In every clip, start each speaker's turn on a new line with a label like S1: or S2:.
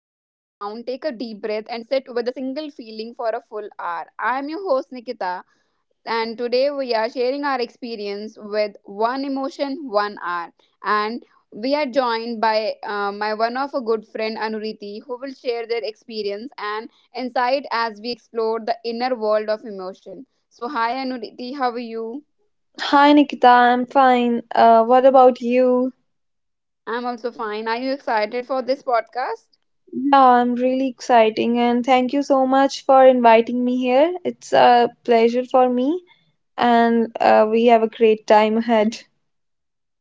S1: breath, and sit with a single feeling for a full hour. I am your host, Nikita, and today we are sharing our experience with one emotion, 1 hour. And we are joined by my one of a good friend, Anuriti, who will share their experience and insight as we explore the inner world of emotion. So, hi, Anuriti, how are you?
S2: Hi Nikita, I'm fine. What about you?
S1: I'm also fine. Are you excited for this podcast?
S2: Yeah, I'm really exciting, and thank you so much for inviting me here. It's a pleasure for me, and we have a great time ahead.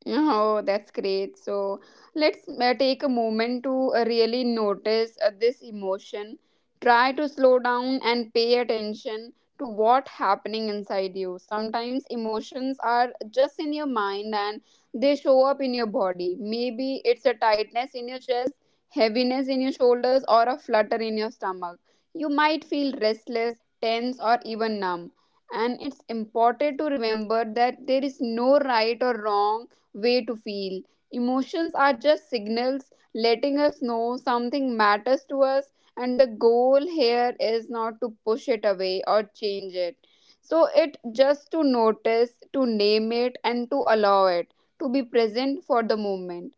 S1: Oh, that's great. So let's take a moment to really notice this emotion. Try to slow down and pay attention to what happening inside you. Sometimes emotions are just in your mind and they show up in your body. Maybe it's a tightness in your chest, heaviness in your shoulders, or a flutter in your stomach. You might feel restless, tense, or even numb. And it's important to remember that there is no right or wrong way to feel. Emotions are just signals letting us know something matters to us, and the goal here is not to push it away or change it. So, it just to notice, to name it, and to allow it to be present for the moment.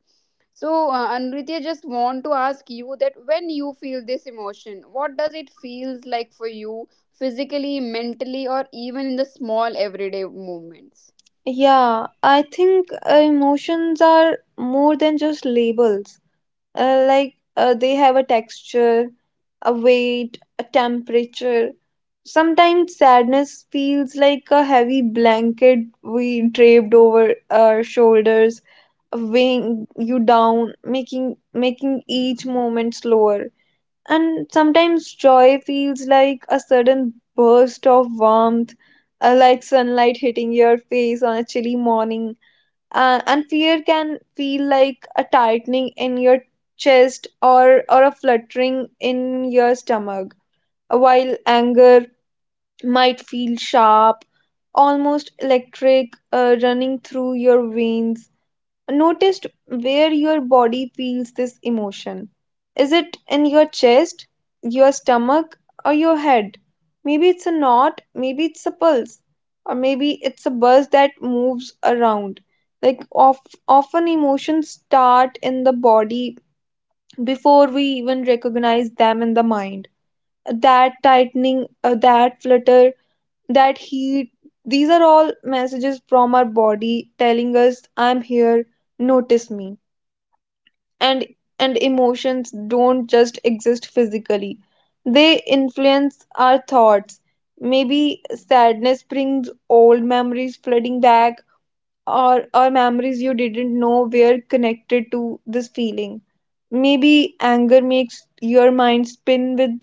S1: Anritya, just want to ask you that when you feel this emotion, what does it feels like for you physically, mentally, or even in the small everyday moments?
S2: Yeah, I think emotions are more than just labels. Like, they have a texture, a weight, a temperature. Sometimes sadness feels like a heavy blanket we draped over our shoulders, weighing you down, making each moment slower. And sometimes joy feels like a sudden burst of warmth, like sunlight hitting your face on a chilly morning, and fear can feel like a tightening in your chest or a fluttering in your stomach, while anger might feel sharp, almost electric, running through your veins. Noticed where your body feels this emotion. Is it in your chest, your stomach, or your head? Maybe it's a knot, maybe it's a pulse, or maybe it's a buzz that moves around. Like of, Often emotions start in the body before we even recognize them in the mind. That tightening, that flutter, that heat, these are all messages from our body telling us, I'm here, notice me. And emotions don't just exist physically, they influence our thoughts. Maybe sadness brings old memories flooding back, or memories you didn't know were connected to this feeling. Maybe anger makes your mind spin with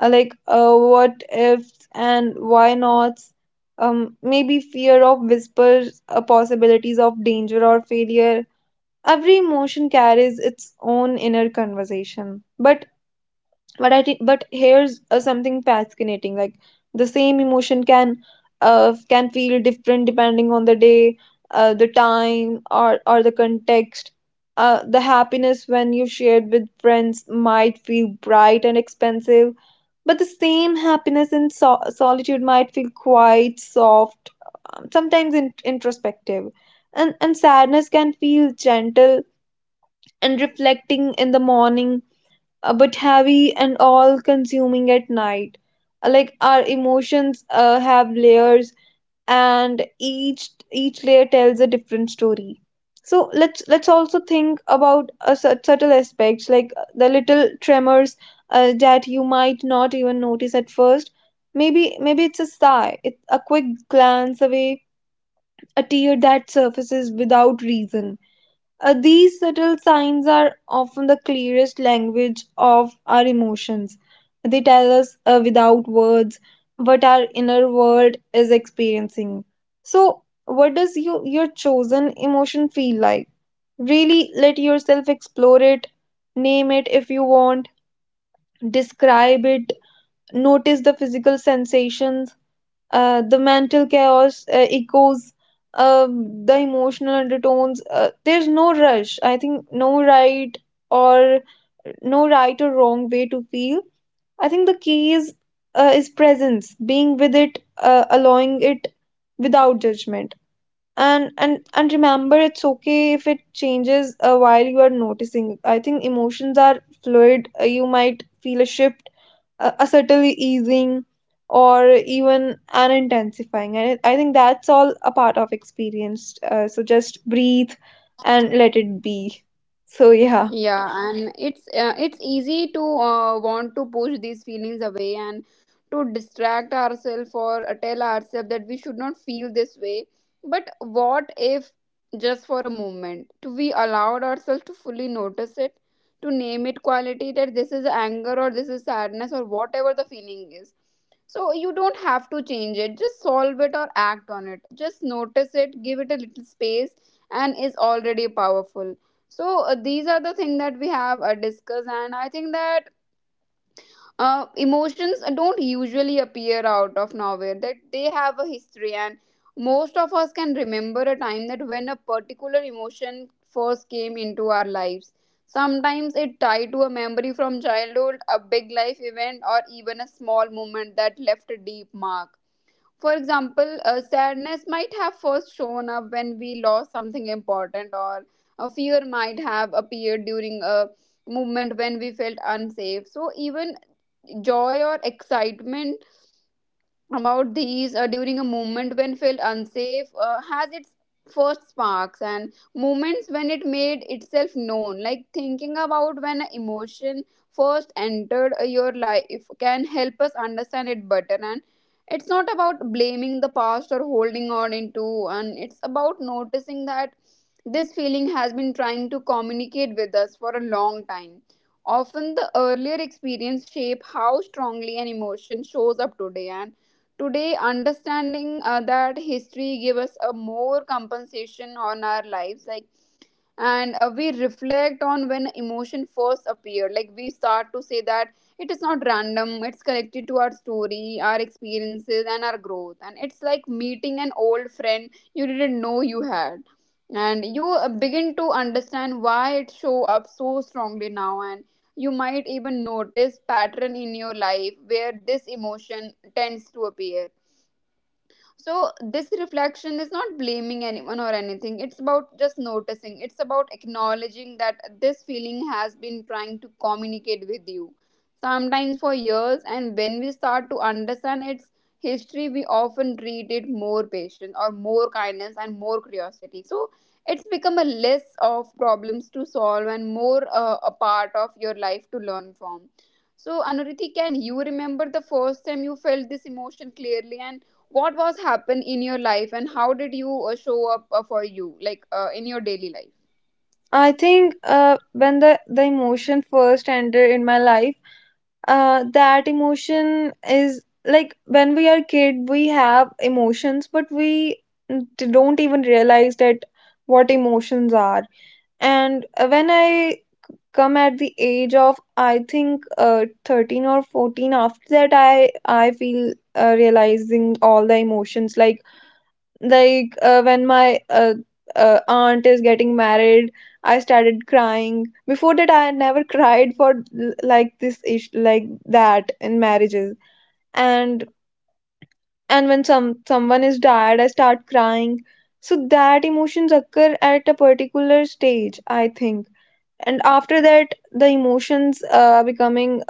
S2: what ifs and why nots. Maybe fear of whispers possibilities of danger or failure. Every emotion carries its own inner conversation. But I think but here's something fascinating. Like, the same emotion can feel different depending on the day, the time, or the context. The happiness when you shared with friends might feel bright and expensive, but the same happiness in solitude might feel quite soft, sometimes introspective. And sadness can feel gentle and reflecting in the morning, but heavy and all consuming at night. Like, our emotions have layers, and each each layer tells a different story. So let's also think about subtle aspects like the little tremors that you might not even notice at first. Maybe it's a sigh, it's a quick glance away, a tear that surfaces without reason. These subtle signs are often the clearest language of our emotions. They tell us without words what our inner world is experiencing. So, what does you, your chosen emotion feel like? Really let yourself explore it, name it if you want, describe it, notice the physical sensations, the mental chaos echoes, the emotional undertones. There's no rush. I think no right or wrong way to feel. I think the key is presence, being with it, allowing it without judgment. And remember, it's okay if it changes while you are noticing. I think emotions are fluid. You might feel a shift, a subtle easing, or even an intensifying, and I think that's all a part of experience. So just breathe and let it be. So yeah,
S1: Yeah, and it's easy to want to push these feelings away and to distract ourselves or tell ourselves that we should not feel this way, but what if just for a moment to we allowed ourselves to fully notice it, to name it quality that this is anger or this is sadness or whatever the feeling is. So you don't have to change it, just solve it or act on it, just notice it, give it a little space and is already powerful. So these are the thing that we have discussed, and I think that emotions don't usually appear out of nowhere, that they have a history, and most of us can remember a time that when a particular emotion first came into our lives. Sometimes it tied to a memory from childhood, a big life event, or even a small moment that left a deep mark. For example, sadness might have first shown up when we lost something important, or a fear might have appeared during a moment when we felt unsafe. So even joy or excitement about these during a moment when felt unsafe has its first sparks and moments when it made itself known, like thinking about when an emotion first entered your life can help us understand it better. And it's not about blaming the past or holding on into, and it's about noticing that this feeling has been trying to communicate with us for a long time. Often the earlier experience shape how strongly an emotion shows up today. And today, understanding that history give us a more compensation on our lives, like, and we reflect on when emotion first appeared. Like we start to say that it is not random; it's connected to our story, our experiences, and our growth. And it's like meeting an old friend you didn't know you had, and you begin to understand why it show up so strongly now. And you might even notice pattern in your life where this emotion tends to appear. So, this reflection is not blaming anyone or anything. It's about just noticing. It's about acknowledging that this feeling has been trying to communicate with you, sometimes for years. And when we start to understand its history, we often treat it more patience or more kindness and more curiosity. So, it's become a less of problems to solve and more a part of your life to learn from. So, Anuriti, can you remember the first time you felt this emotion clearly? And what was happen in your life, and how did you show up for you, like in your daily life?
S2: I think when the emotion first entered in my life, that emotion is like when we are kid, we have emotions, but we don't even realize that what emotions are. And when I come at the age of, I think 13 or 14, after that I feel realizing all the emotions. Like, when my aunt is getting married, I started crying. Before that, I had never cried for like this ish like that in marriages. And when someone is died, I start crying. So that emotions occur at a particular stage, I think. And after that, the emotions becoming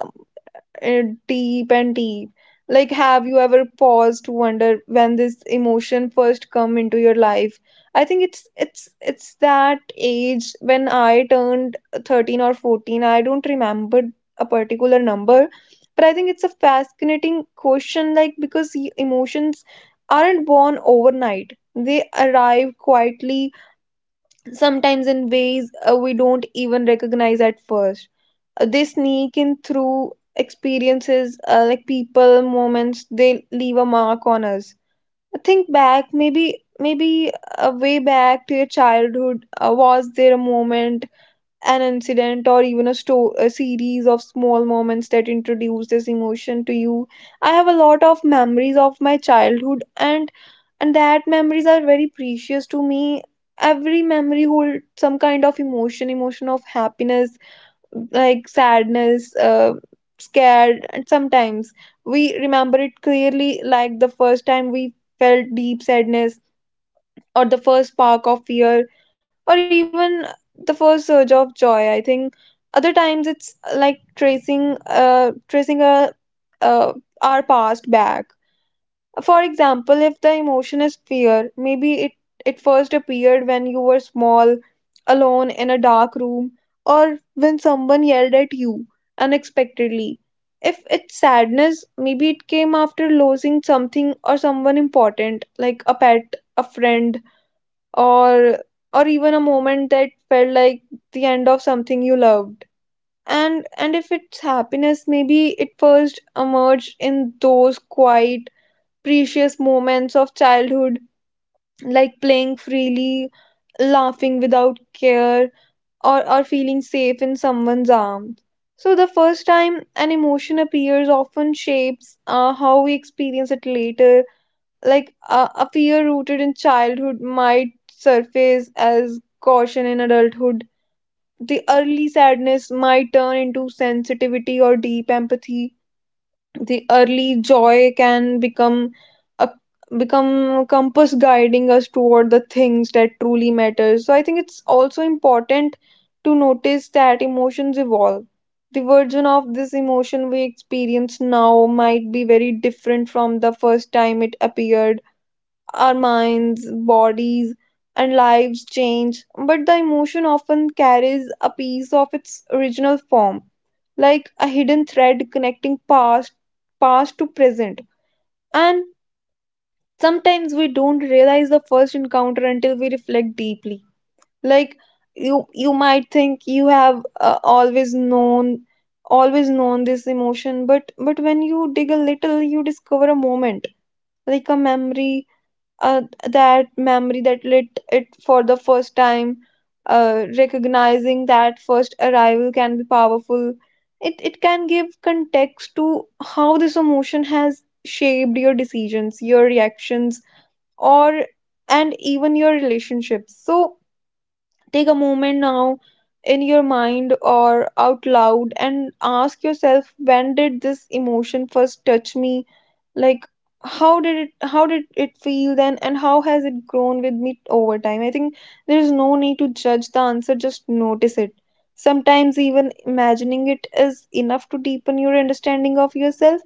S2: uh, deep and deep. Like, have you ever paused to wonder when this emotion first come into your life? I think it's that age when I turned 13 or 14. I don't remember a particular number, but I think it's a fascinating question. Like, because emotions aren't born overnight. They arrive quietly, sometimes in ways we don't even recognize at first. They sneak in through experiences, like people, moments, they leave a mark on us. Think back, maybe a way back to your childhood. Was there a moment, an incident, or even a series of small moments that introduced this emotion to you? I have a lot of memories of my childhood, and that memories are very precious to me. Every memory holds some kind of emotion, emotion of happiness, like sadness, scared, and sometimes we remember it clearly, like the first time we felt deep sadness, or the first spark of fear, or even the first surge of joy. I think other times it's like tracing, uh, our past back. For example, if the emotion is fear, maybe it first appeared when you were small, alone in a dark room, or when someone yelled at you unexpectedly. If it's sadness, maybe it came after losing something or someone important, like a pet, a friend, or even a moment that felt like the end of something you loved. And if it's happiness, maybe it first emerged in those quiet, precious moments of childhood, like playing freely, laughing without care, or feeling safe in someone's arms. So, the first time an emotion appears often shapes how we experience it later. Like, a fear rooted in childhood might surface as caution in adulthood. The early sadness might turn into sensitivity or deep empathy. The early joy can become a become compass guiding us toward the things that truly matter. So I think it's also important to notice that emotions evolve. The version of this emotion we experience now might be very different from the first time it appeared. Our minds, bodies, and lives change, but the emotion often carries a piece of its original form, like a hidden thread connecting past to present. And sometimes we don't realize the first encounter until we reflect deeply. Like you might think you have always known, this emotion, but when you dig a little, you discover a moment, like a memory, uh, that lit it for the first time. Recognizing that first arrival can be powerful. It can give context to how this emotion has shaped your decisions, your reactions, or and even your relationships. So, take a moment now, in your mind or out loud, and ask yourself, when did this emotion first touch me? Like, how did it feel then, and how has it grown with me over time? I think there is no need to judge the answer, just notice it. Sometimes even imagining it is enough to deepen your understanding of yourself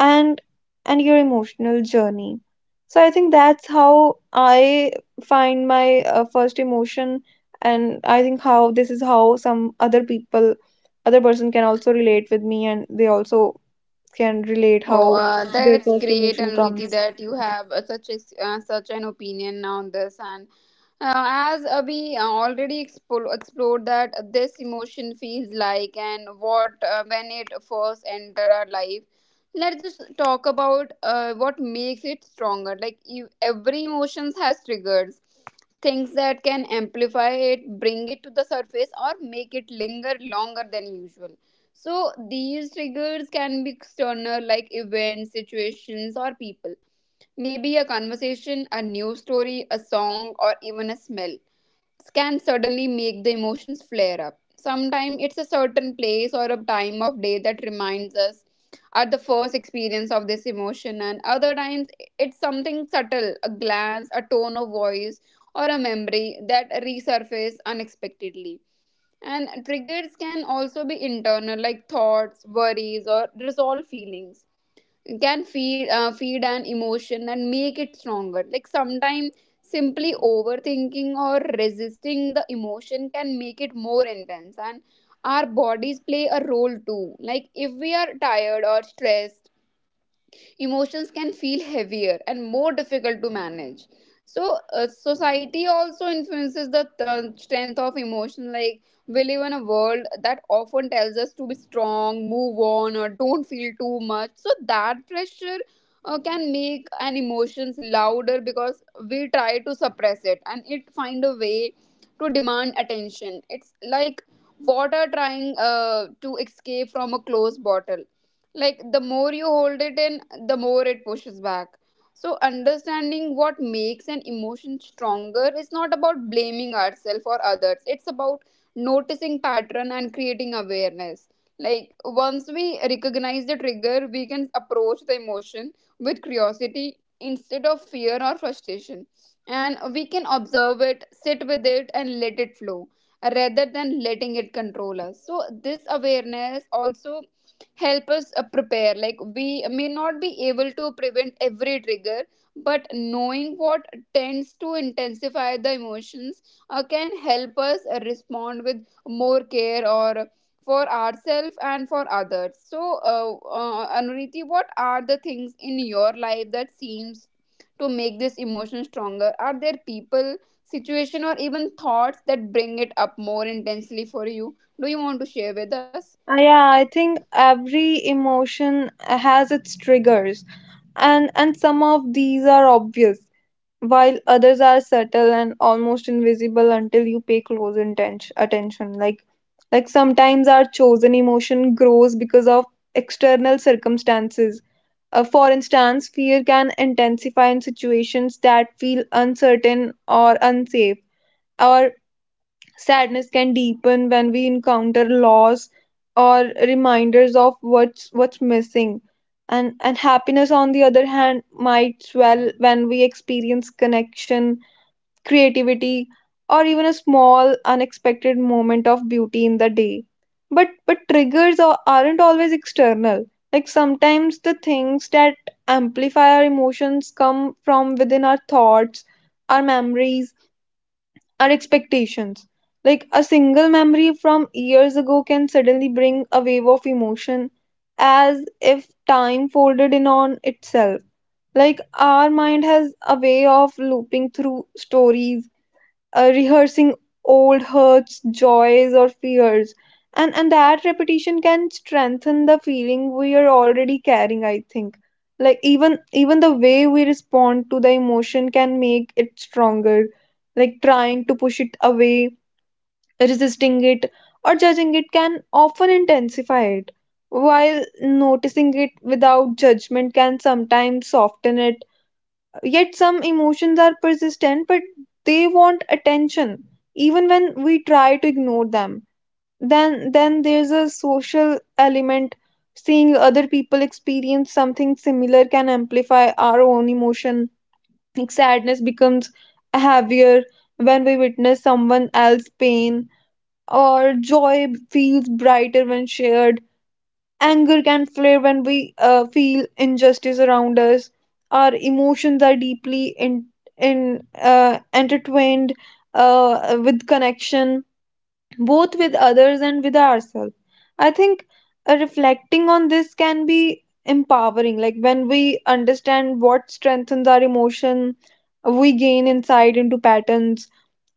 S2: and your emotional journey. So I think that's how I find my first emotion, and I think how this is how some other people, other person can also relate with me, and they also can relate how
S1: Oh,
S2: their
S1: that's
S2: first
S1: great,
S2: emotion
S1: Anriti,
S2: comes.
S1: that you have such an opinion on this. And as we already explored that this emotion feels like and what when it first enter our life, let's just talk about what makes it stronger. Like you, every emotions has triggers, things that can amplify it, bring it to the surface, or make it linger longer than usual. So these triggers can be external, like events, situations, or people. Maybe a conversation, a news story, a song, or even a smell can suddenly make the emotions flare up. Sometimes it's a certain place or a time of day that reminds us at the first experience of this emotion, and other times it's something subtle, a glance, a tone of voice, or a memory that resurface unexpectedly. And triggers can also be internal, like thoughts, worries, or resolve feelings. It can feed an emotion and make it stronger. Like sometimes simply overthinking or resisting the emotion can make it more intense. And our bodies play a role too. Like if we are tired or stressed, emotions can feel heavier and more difficult to manage. So society also influences the strength of emotion. Like we live in a world that often tells us to be strong, move on, or don't feel too much, so that pressure can make an emotions louder because we try to suppress it and it find a way to demand attention. It's like water trying to escape from a closed bottle. Like the more you hold it in, the more it pushes back. So understanding what makes an emotion stronger is not about blaming ourselves or others. It's about noticing pattern and creating awareness. Like once we recognize the trigger, we can approach the emotion with curiosity instead of fear or frustration, and we can observe it, sit with it, and let it flow rather than letting it control us. So this awareness also help us prepare. Like we may not be able to prevent every trigger, but knowing what tends to intensify the emotions can help us respond with more care or for ourselves and for others. So Anuriti, what are the things in your life that seems to make this emotion stronger? Are there people, situation, or even thoughts that bring it up more intensely for you? Do you want to share with us?
S2: Yeah, I think every emotion has its triggers, and some of these are obvious, while others are subtle and almost invisible until you pay close intention, attention. Like, sometimes our chosen emotion grows because of external circumstances. For instance, fear can intensify in situations that feel uncertain or unsafe, or sadness can deepen when we encounter loss or reminders of what's missing. And happiness, on the other hand, might swell when we experience connection, creativity, or even a small unexpected moment of beauty in the day. But triggers aren't always external. Like, sometimes the things that amplify our emotions come from within, our thoughts, our memories, our expectations. Like, a single memory from years ago can suddenly bring a wave of emotion, as if time folded in on itself. Like, our mind has a way of looping through stories, rehearsing old hurts, joys, or fears. And that repetition can strengthen the feeling we are already carrying, I think. Like, even the way we respond to the emotion can make it stronger. Like trying to push it away, resisting it, or judging it can often intensify it. While noticing it without judgment can sometimes soften it. Yet some emotions are persistent, but they want attention, even when we try to ignore them. Then there's a social element. Seeing other people experience something similar can amplify our own emotion. Like, sadness becomes heavier when we witness someone else's pain, or joy feels brighter when shared. Anger can flare when we feel injustice around us. Our emotions are deeply in intertwined with connection, both with others and with ourselves. I think reflecting on this can be empowering. Like when we understand what strengthens our emotion, we gain insight into patterns,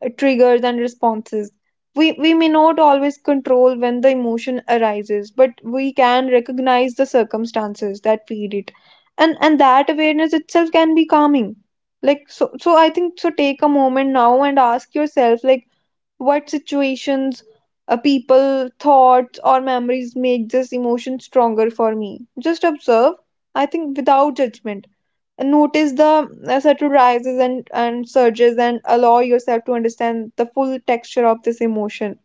S2: triggers and responses. We may not always control when the emotion arises, but we can recognize the circumstances that feed it. And that awareness itself can be calming. So I think, so take a moment now and ask yourself, like, what situations, people, thoughts or memories make this emotion stronger for me. Just observe, I think, without judgment. Notice the subtle rises and surges and allow yourself to understand the full texture of this emotion.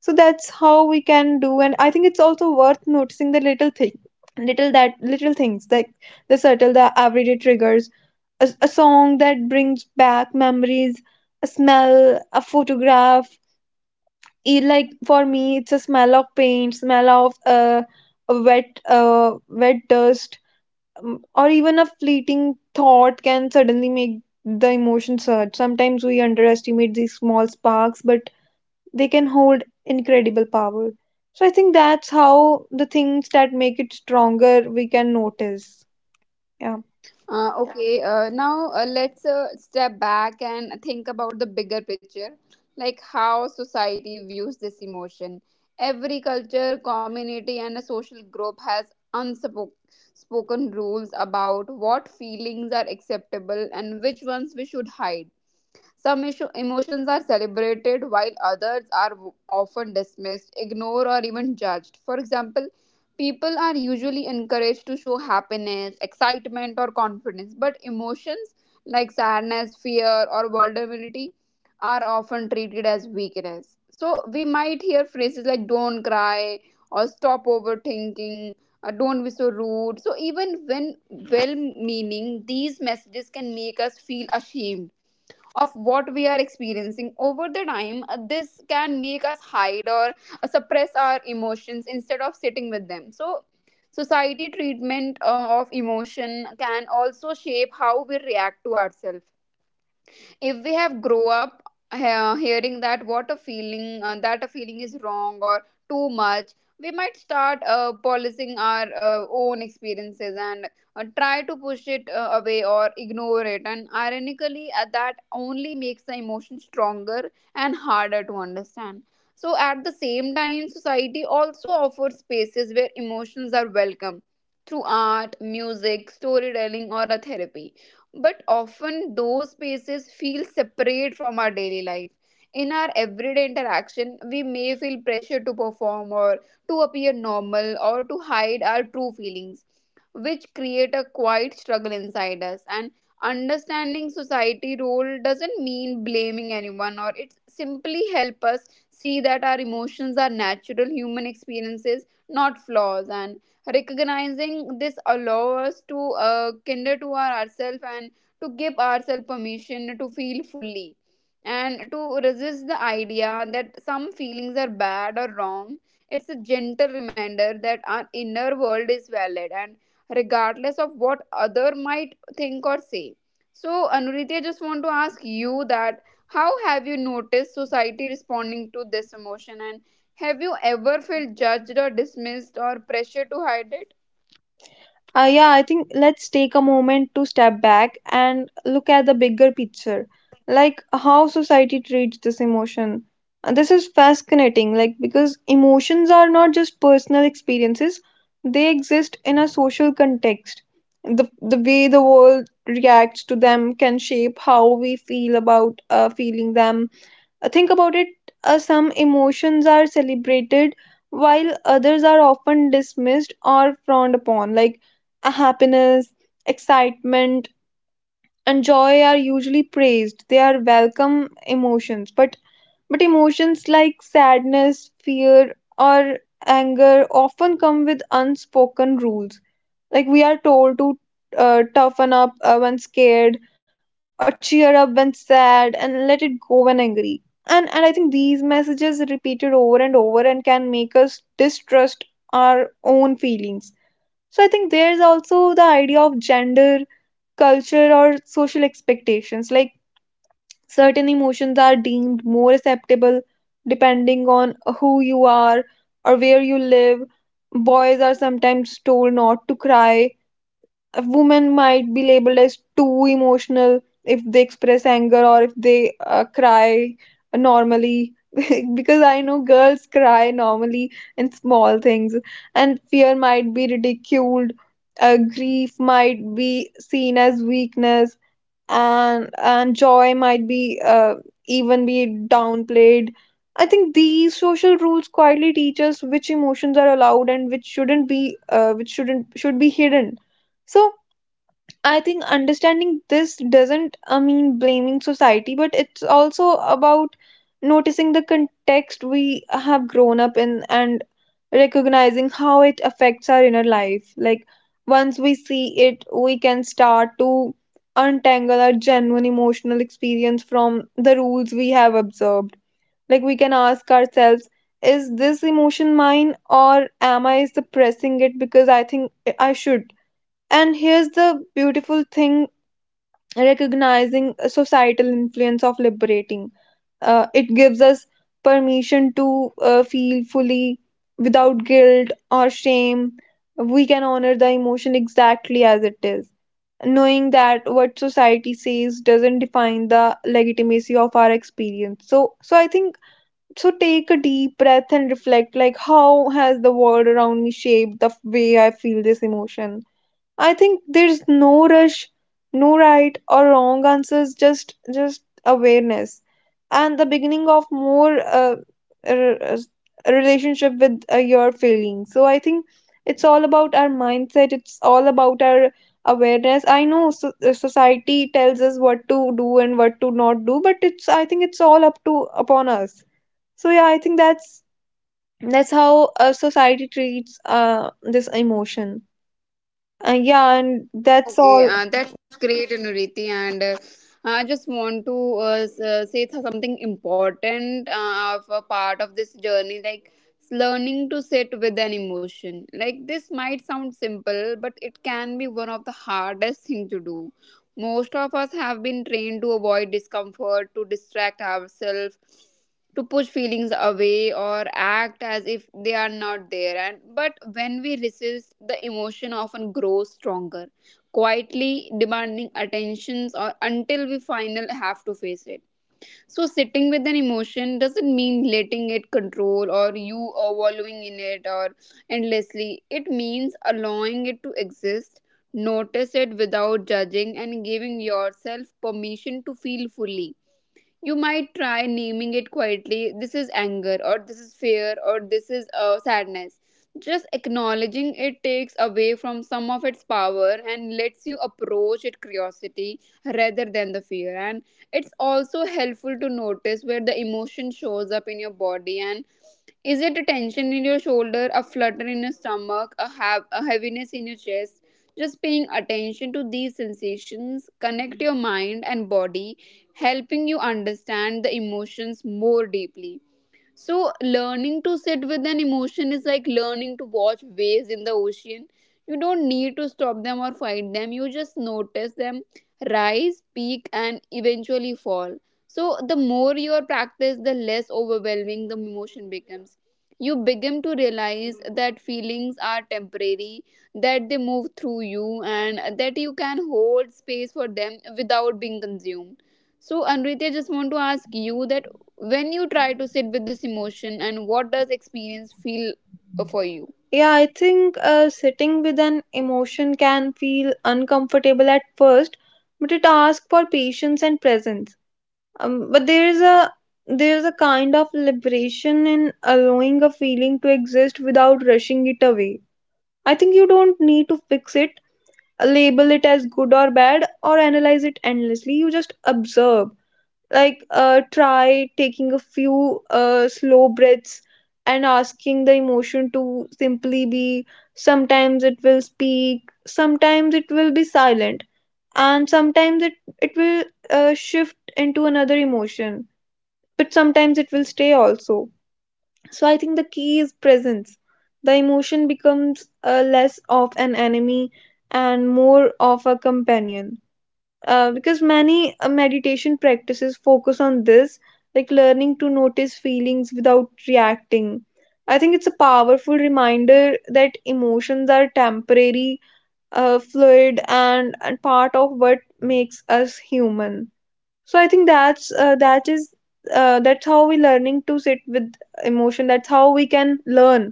S2: So that's how we can do. And I think it's also worth noticing the little things, like the subtle, the everyday triggers. A song that brings back memories, a smell, a photograph. Like, for me, it's a smell of paint, smell of a wet wet dust, or even a fleeting thought can suddenly make the emotion surge. Sometimes we underestimate these small sparks, but they can hold incredible power. So I think that's how the things that make it stronger we can notice. Yeah.
S1: Okay, now let's step back and think about the bigger picture, like how society views this emotion. Every culture, community, and a social group has unspoken rules about what feelings are acceptable and which ones we should hide. Some emotions are celebrated while others are often dismissed, ignored, or even judged. For example, people are usually encouraged to show happiness, excitement, or confidence, but emotions like sadness, fear, or vulnerability are often treated as weakness. So we might hear phrases like don't cry, or stop overthinking, or don't be so rude. So even when well meaning, these messages can make us feel ashamed of what we are experiencing. Over the time this can make us hide or suppress our emotions instead of sitting with them. So society treatment of emotion can also shape how we react to ourselves. If we have grow up hearing that what a feeling that a feeling is wrong or too much, we might start policing our own experiences and try to push it away or ignore it, and ironically that only makes the emotion stronger and harder to understand. So at the same time, society also offers spaces where emotions are welcome through art, music, storytelling, or a therapy, but often those spaces feel separate from our daily life. In our everyday interaction, we may feel pressure to perform or to appear normal or to hide our true feelings, which create a quiet struggle inside us. And understanding society role doesn't mean blaming anyone, or it simply help us see that our emotions are natural human experiences, not flaws. And recognizing this allows us to kinder to our ourselves and to give ourselves permission to feel fully and to resist the idea that some feelings are bad or wrong. It's a gentle reminder that our inner world is valid and regardless of what other might think or say. So, Anuriti, I just want to ask you that how have you noticed society responding to this emotion? And have you ever felt judged or dismissed or pressure to hide it?
S2: Yeah, I think let's take a moment to step back and look at the bigger picture, like how society treats this emotion. And this is fascinating, like, because emotions are not just personal experiences; they exist in a social context. The way the world reacts to them can shape how we feel about feeling them. Think about it. Some emotions are celebrated while others are often dismissed or frowned upon, like happiness, excitement, and joy are usually praised. They are welcome emotions, but emotions like sadness, fear, or anger often come with unspoken rules. Like, we are told to toughen up when scared, or cheer up when sad, and let it go when angry. And I think these messages repeated over and over and can make us distrust our own feelings. So I think there's also the idea of gender, culture, or social expectations. Like, certain emotions are deemed more acceptable depending on who you are or where you live. Boys are sometimes told not to cry, a woman might be labeled as too emotional if they express anger or if they cry normally because I know girls cry normally in small things. And fear might be ridiculed, grief might be seen as weakness, and joy might be even be downplayed. I think these social rules quietly teach us which emotions are allowed and which shouldn't be, which shouldn't should be hidden. So I think understanding this doesn't mean blaming society, but it's also about noticing the context we have grown up in and recognizing how it affects our inner life. Like, once we see it, we can start to untangle our genuine emotional experience from the rules we have observed. Like, we can ask ourselves, is this emotion mine, or am I suppressing it because I think I should? And here's the beautiful thing: recognizing a societal influence of liberating. It gives us permission to feel fully without guilt or shame. We can honor the emotion exactly as it is, knowing that what society says doesn't define the legitimacy of our experience. So, I think so. Take a deep breath and reflect, like, how has the world around me shaped the way I feel this emotion? I think there's no rush, no right or wrong answers, just awareness and the beginning of more r- s- relationship with your feelings. So I think it's all about our mindset. It's all about our awareness. I know so, society tells us what to do and what to not do, but it's, I think it's all up to upon us. So yeah, I think that's how society treats this emotion. Yeah, and that's all.
S1: Okay, that's great, Nuriti. And I just want to say something important of a part of this journey, like learning to sit with an emotion. Like this might sound simple, but it can be one of the hardest thing to do. Most of us have been trained to avoid discomfort, to distract ourselves, to push feelings away, or act as if they are not there. And but when we resist, the emotion often grows stronger, quietly demanding attentions, or until we finally have to face it. So sitting with an emotion doesn't mean letting it control or you are wallowing in it or endlessly. It means allowing it to exist, notice it without judging and giving yourself permission to feel fully. You might try naming it quietly, this is anger or this is fear or this is sadness. Just acknowledging it takes away from some of its power and lets you approach it curiosity rather than the fear. And it's also helpful to notice where the emotion shows up in your body. And is it a tension in your shoulder, a flutter in your stomach, a heaviness in your chest? Just paying attention to these sensations connect your mind and body, helping you understand the emotions more deeply. So, learning to sit with an emotion is like learning to watch waves in the ocean. You don't need to stop them or fight them, you just notice them rise, peak, and eventually fall. So, the more you practice, the less overwhelming the emotion becomes. You begin to realize that feelings are temporary, that they move through you, and that you can hold space for them without being consumed. So, Anritya, I just want to ask you that when you try to sit with this emotion, and what does experience feel for you?
S2: Yeah, I think sitting with an emotion can feel uncomfortable at first, but it asks for patience and presence. But there is a kind of liberation in allowing a feeling to exist without rushing it away. I think you don't need to fix it, label it as good or bad, or analyze it endlessly. You just observe. Like, try taking a few slow breaths and asking the emotion to simply be. Sometimes it will speak, sometimes it will be silent, and sometimes it will shift into another emotion, but sometimes it will stay also. So I think the key is presence. The emotion becomes less of an enemy and more of a companion, because many meditation practices focus on this, like learning to notice feelings without reacting. I think it's a powerful reminder that emotions are temporary, fluid, and part of what makes us human. So I think that's that is that's how we learning to sit with emotion. That's how we can learn.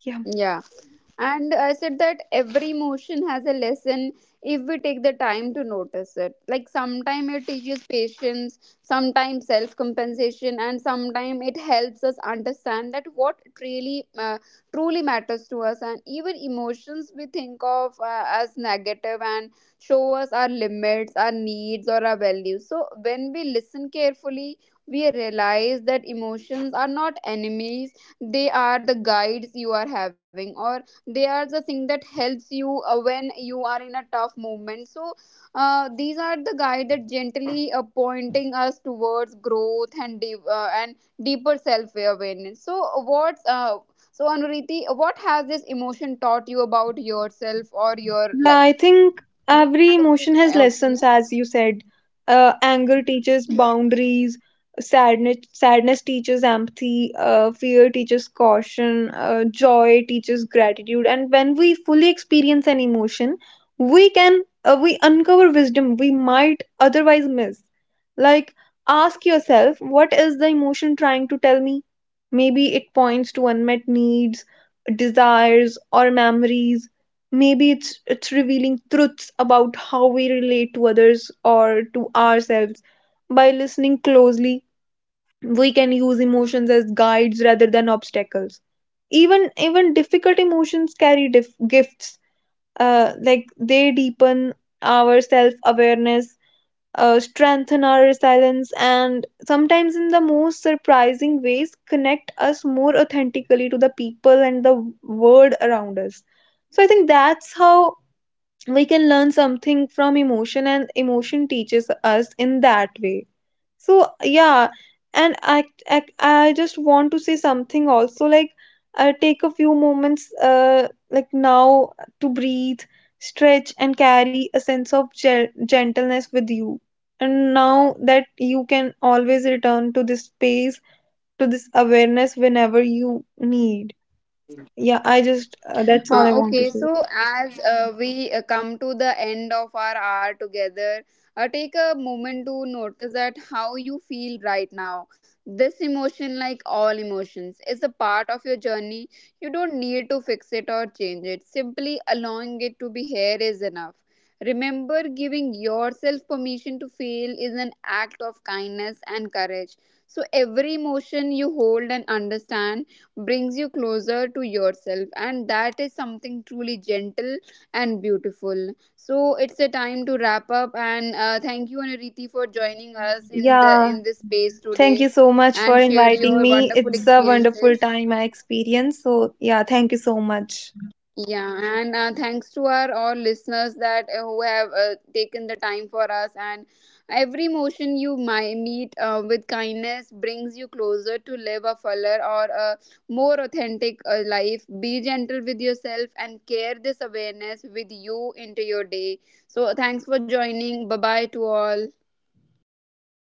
S2: Yeah.
S1: Yeah. And I said that every emotion has a lesson if we take the time to notice it. Like sometimes it teaches patience, sometimes self compensation, and sometimes it helps us understand that what really truly matters to us. And even emotions we think of as negative and show us our limits, our needs, or our values. So when we listen carefully, we realize that emotions are not enemies, they are the guides you are having, or they are the thing that helps you when you are in a tough moment. So these are the guide that gently pointing us towards growth and deep, and deeper self awareness. So what's Anuriti, what has this emotion taught you about yourself or your
S2: Yeah,
S1: life?
S2: I think
S1: Do you
S2: every
S1: have any
S2: emotion has lessons,
S1: opinion?
S2: as you said. Anger teaches boundaries, sadness teaches empathy, fear teaches caution, joy teaches gratitude. And when we fully experience an emotion, we uncover wisdom we might otherwise miss. Like, ask yourself, what is the emotion trying to tell me? Maybe it points to unmet needs, desires, or memories. Maybe it's revealing truths about how we relate to others or to ourselves. By listening closely, we can use emotions as guides rather than obstacles. Even difficult emotions carry gifts. Like, they deepen our self awareness, strengthen our resilience, and sometimes in the most surprising ways connect us more authentically to the people and the world around us. So I think that's how we can learn something from emotion, and emotion teaches us in that way. So yeah. And I just want to say something also, like, take a few moments, like, now to breathe, stretch, and carry a sense of gentleness with you, and now that you can always return to this space, to this awareness whenever you need. Yeah, I just that's all I want
S1: Okay,
S2: to say.
S1: so as we come to the end of our hour together, take a moment to notice that how you feel right now. This emotion, like all emotions, is a part of your journey. You don't need to fix it or change it. Simply allowing it to be here is enough. Remember, giving yourself permission to feel is an act of kindness and courage. So, every emotion you hold and understand brings you closer to yourself, and that is something truly gentle and beautiful. So it's a time to wrap up, and thank you, Anuriti, for joining us in the
S2: Yeah.
S1: in this space
S2: Thank you
S1: today
S2: so much for
S1: and shared
S2: inviting
S1: your
S2: me.
S1: wonderful
S2: It's a wonderful
S1: experiences.
S2: time I experienced. So, yeah, thank you so much.
S1: Yeah, and thanks to our all listeners that who have taken the time for us. And every motion you might meet with kindness brings you closer to live a fuller or a more authentic life. Be gentle with yourself and carry this awareness with you into your day. So thanks for joining. Bye bye to all.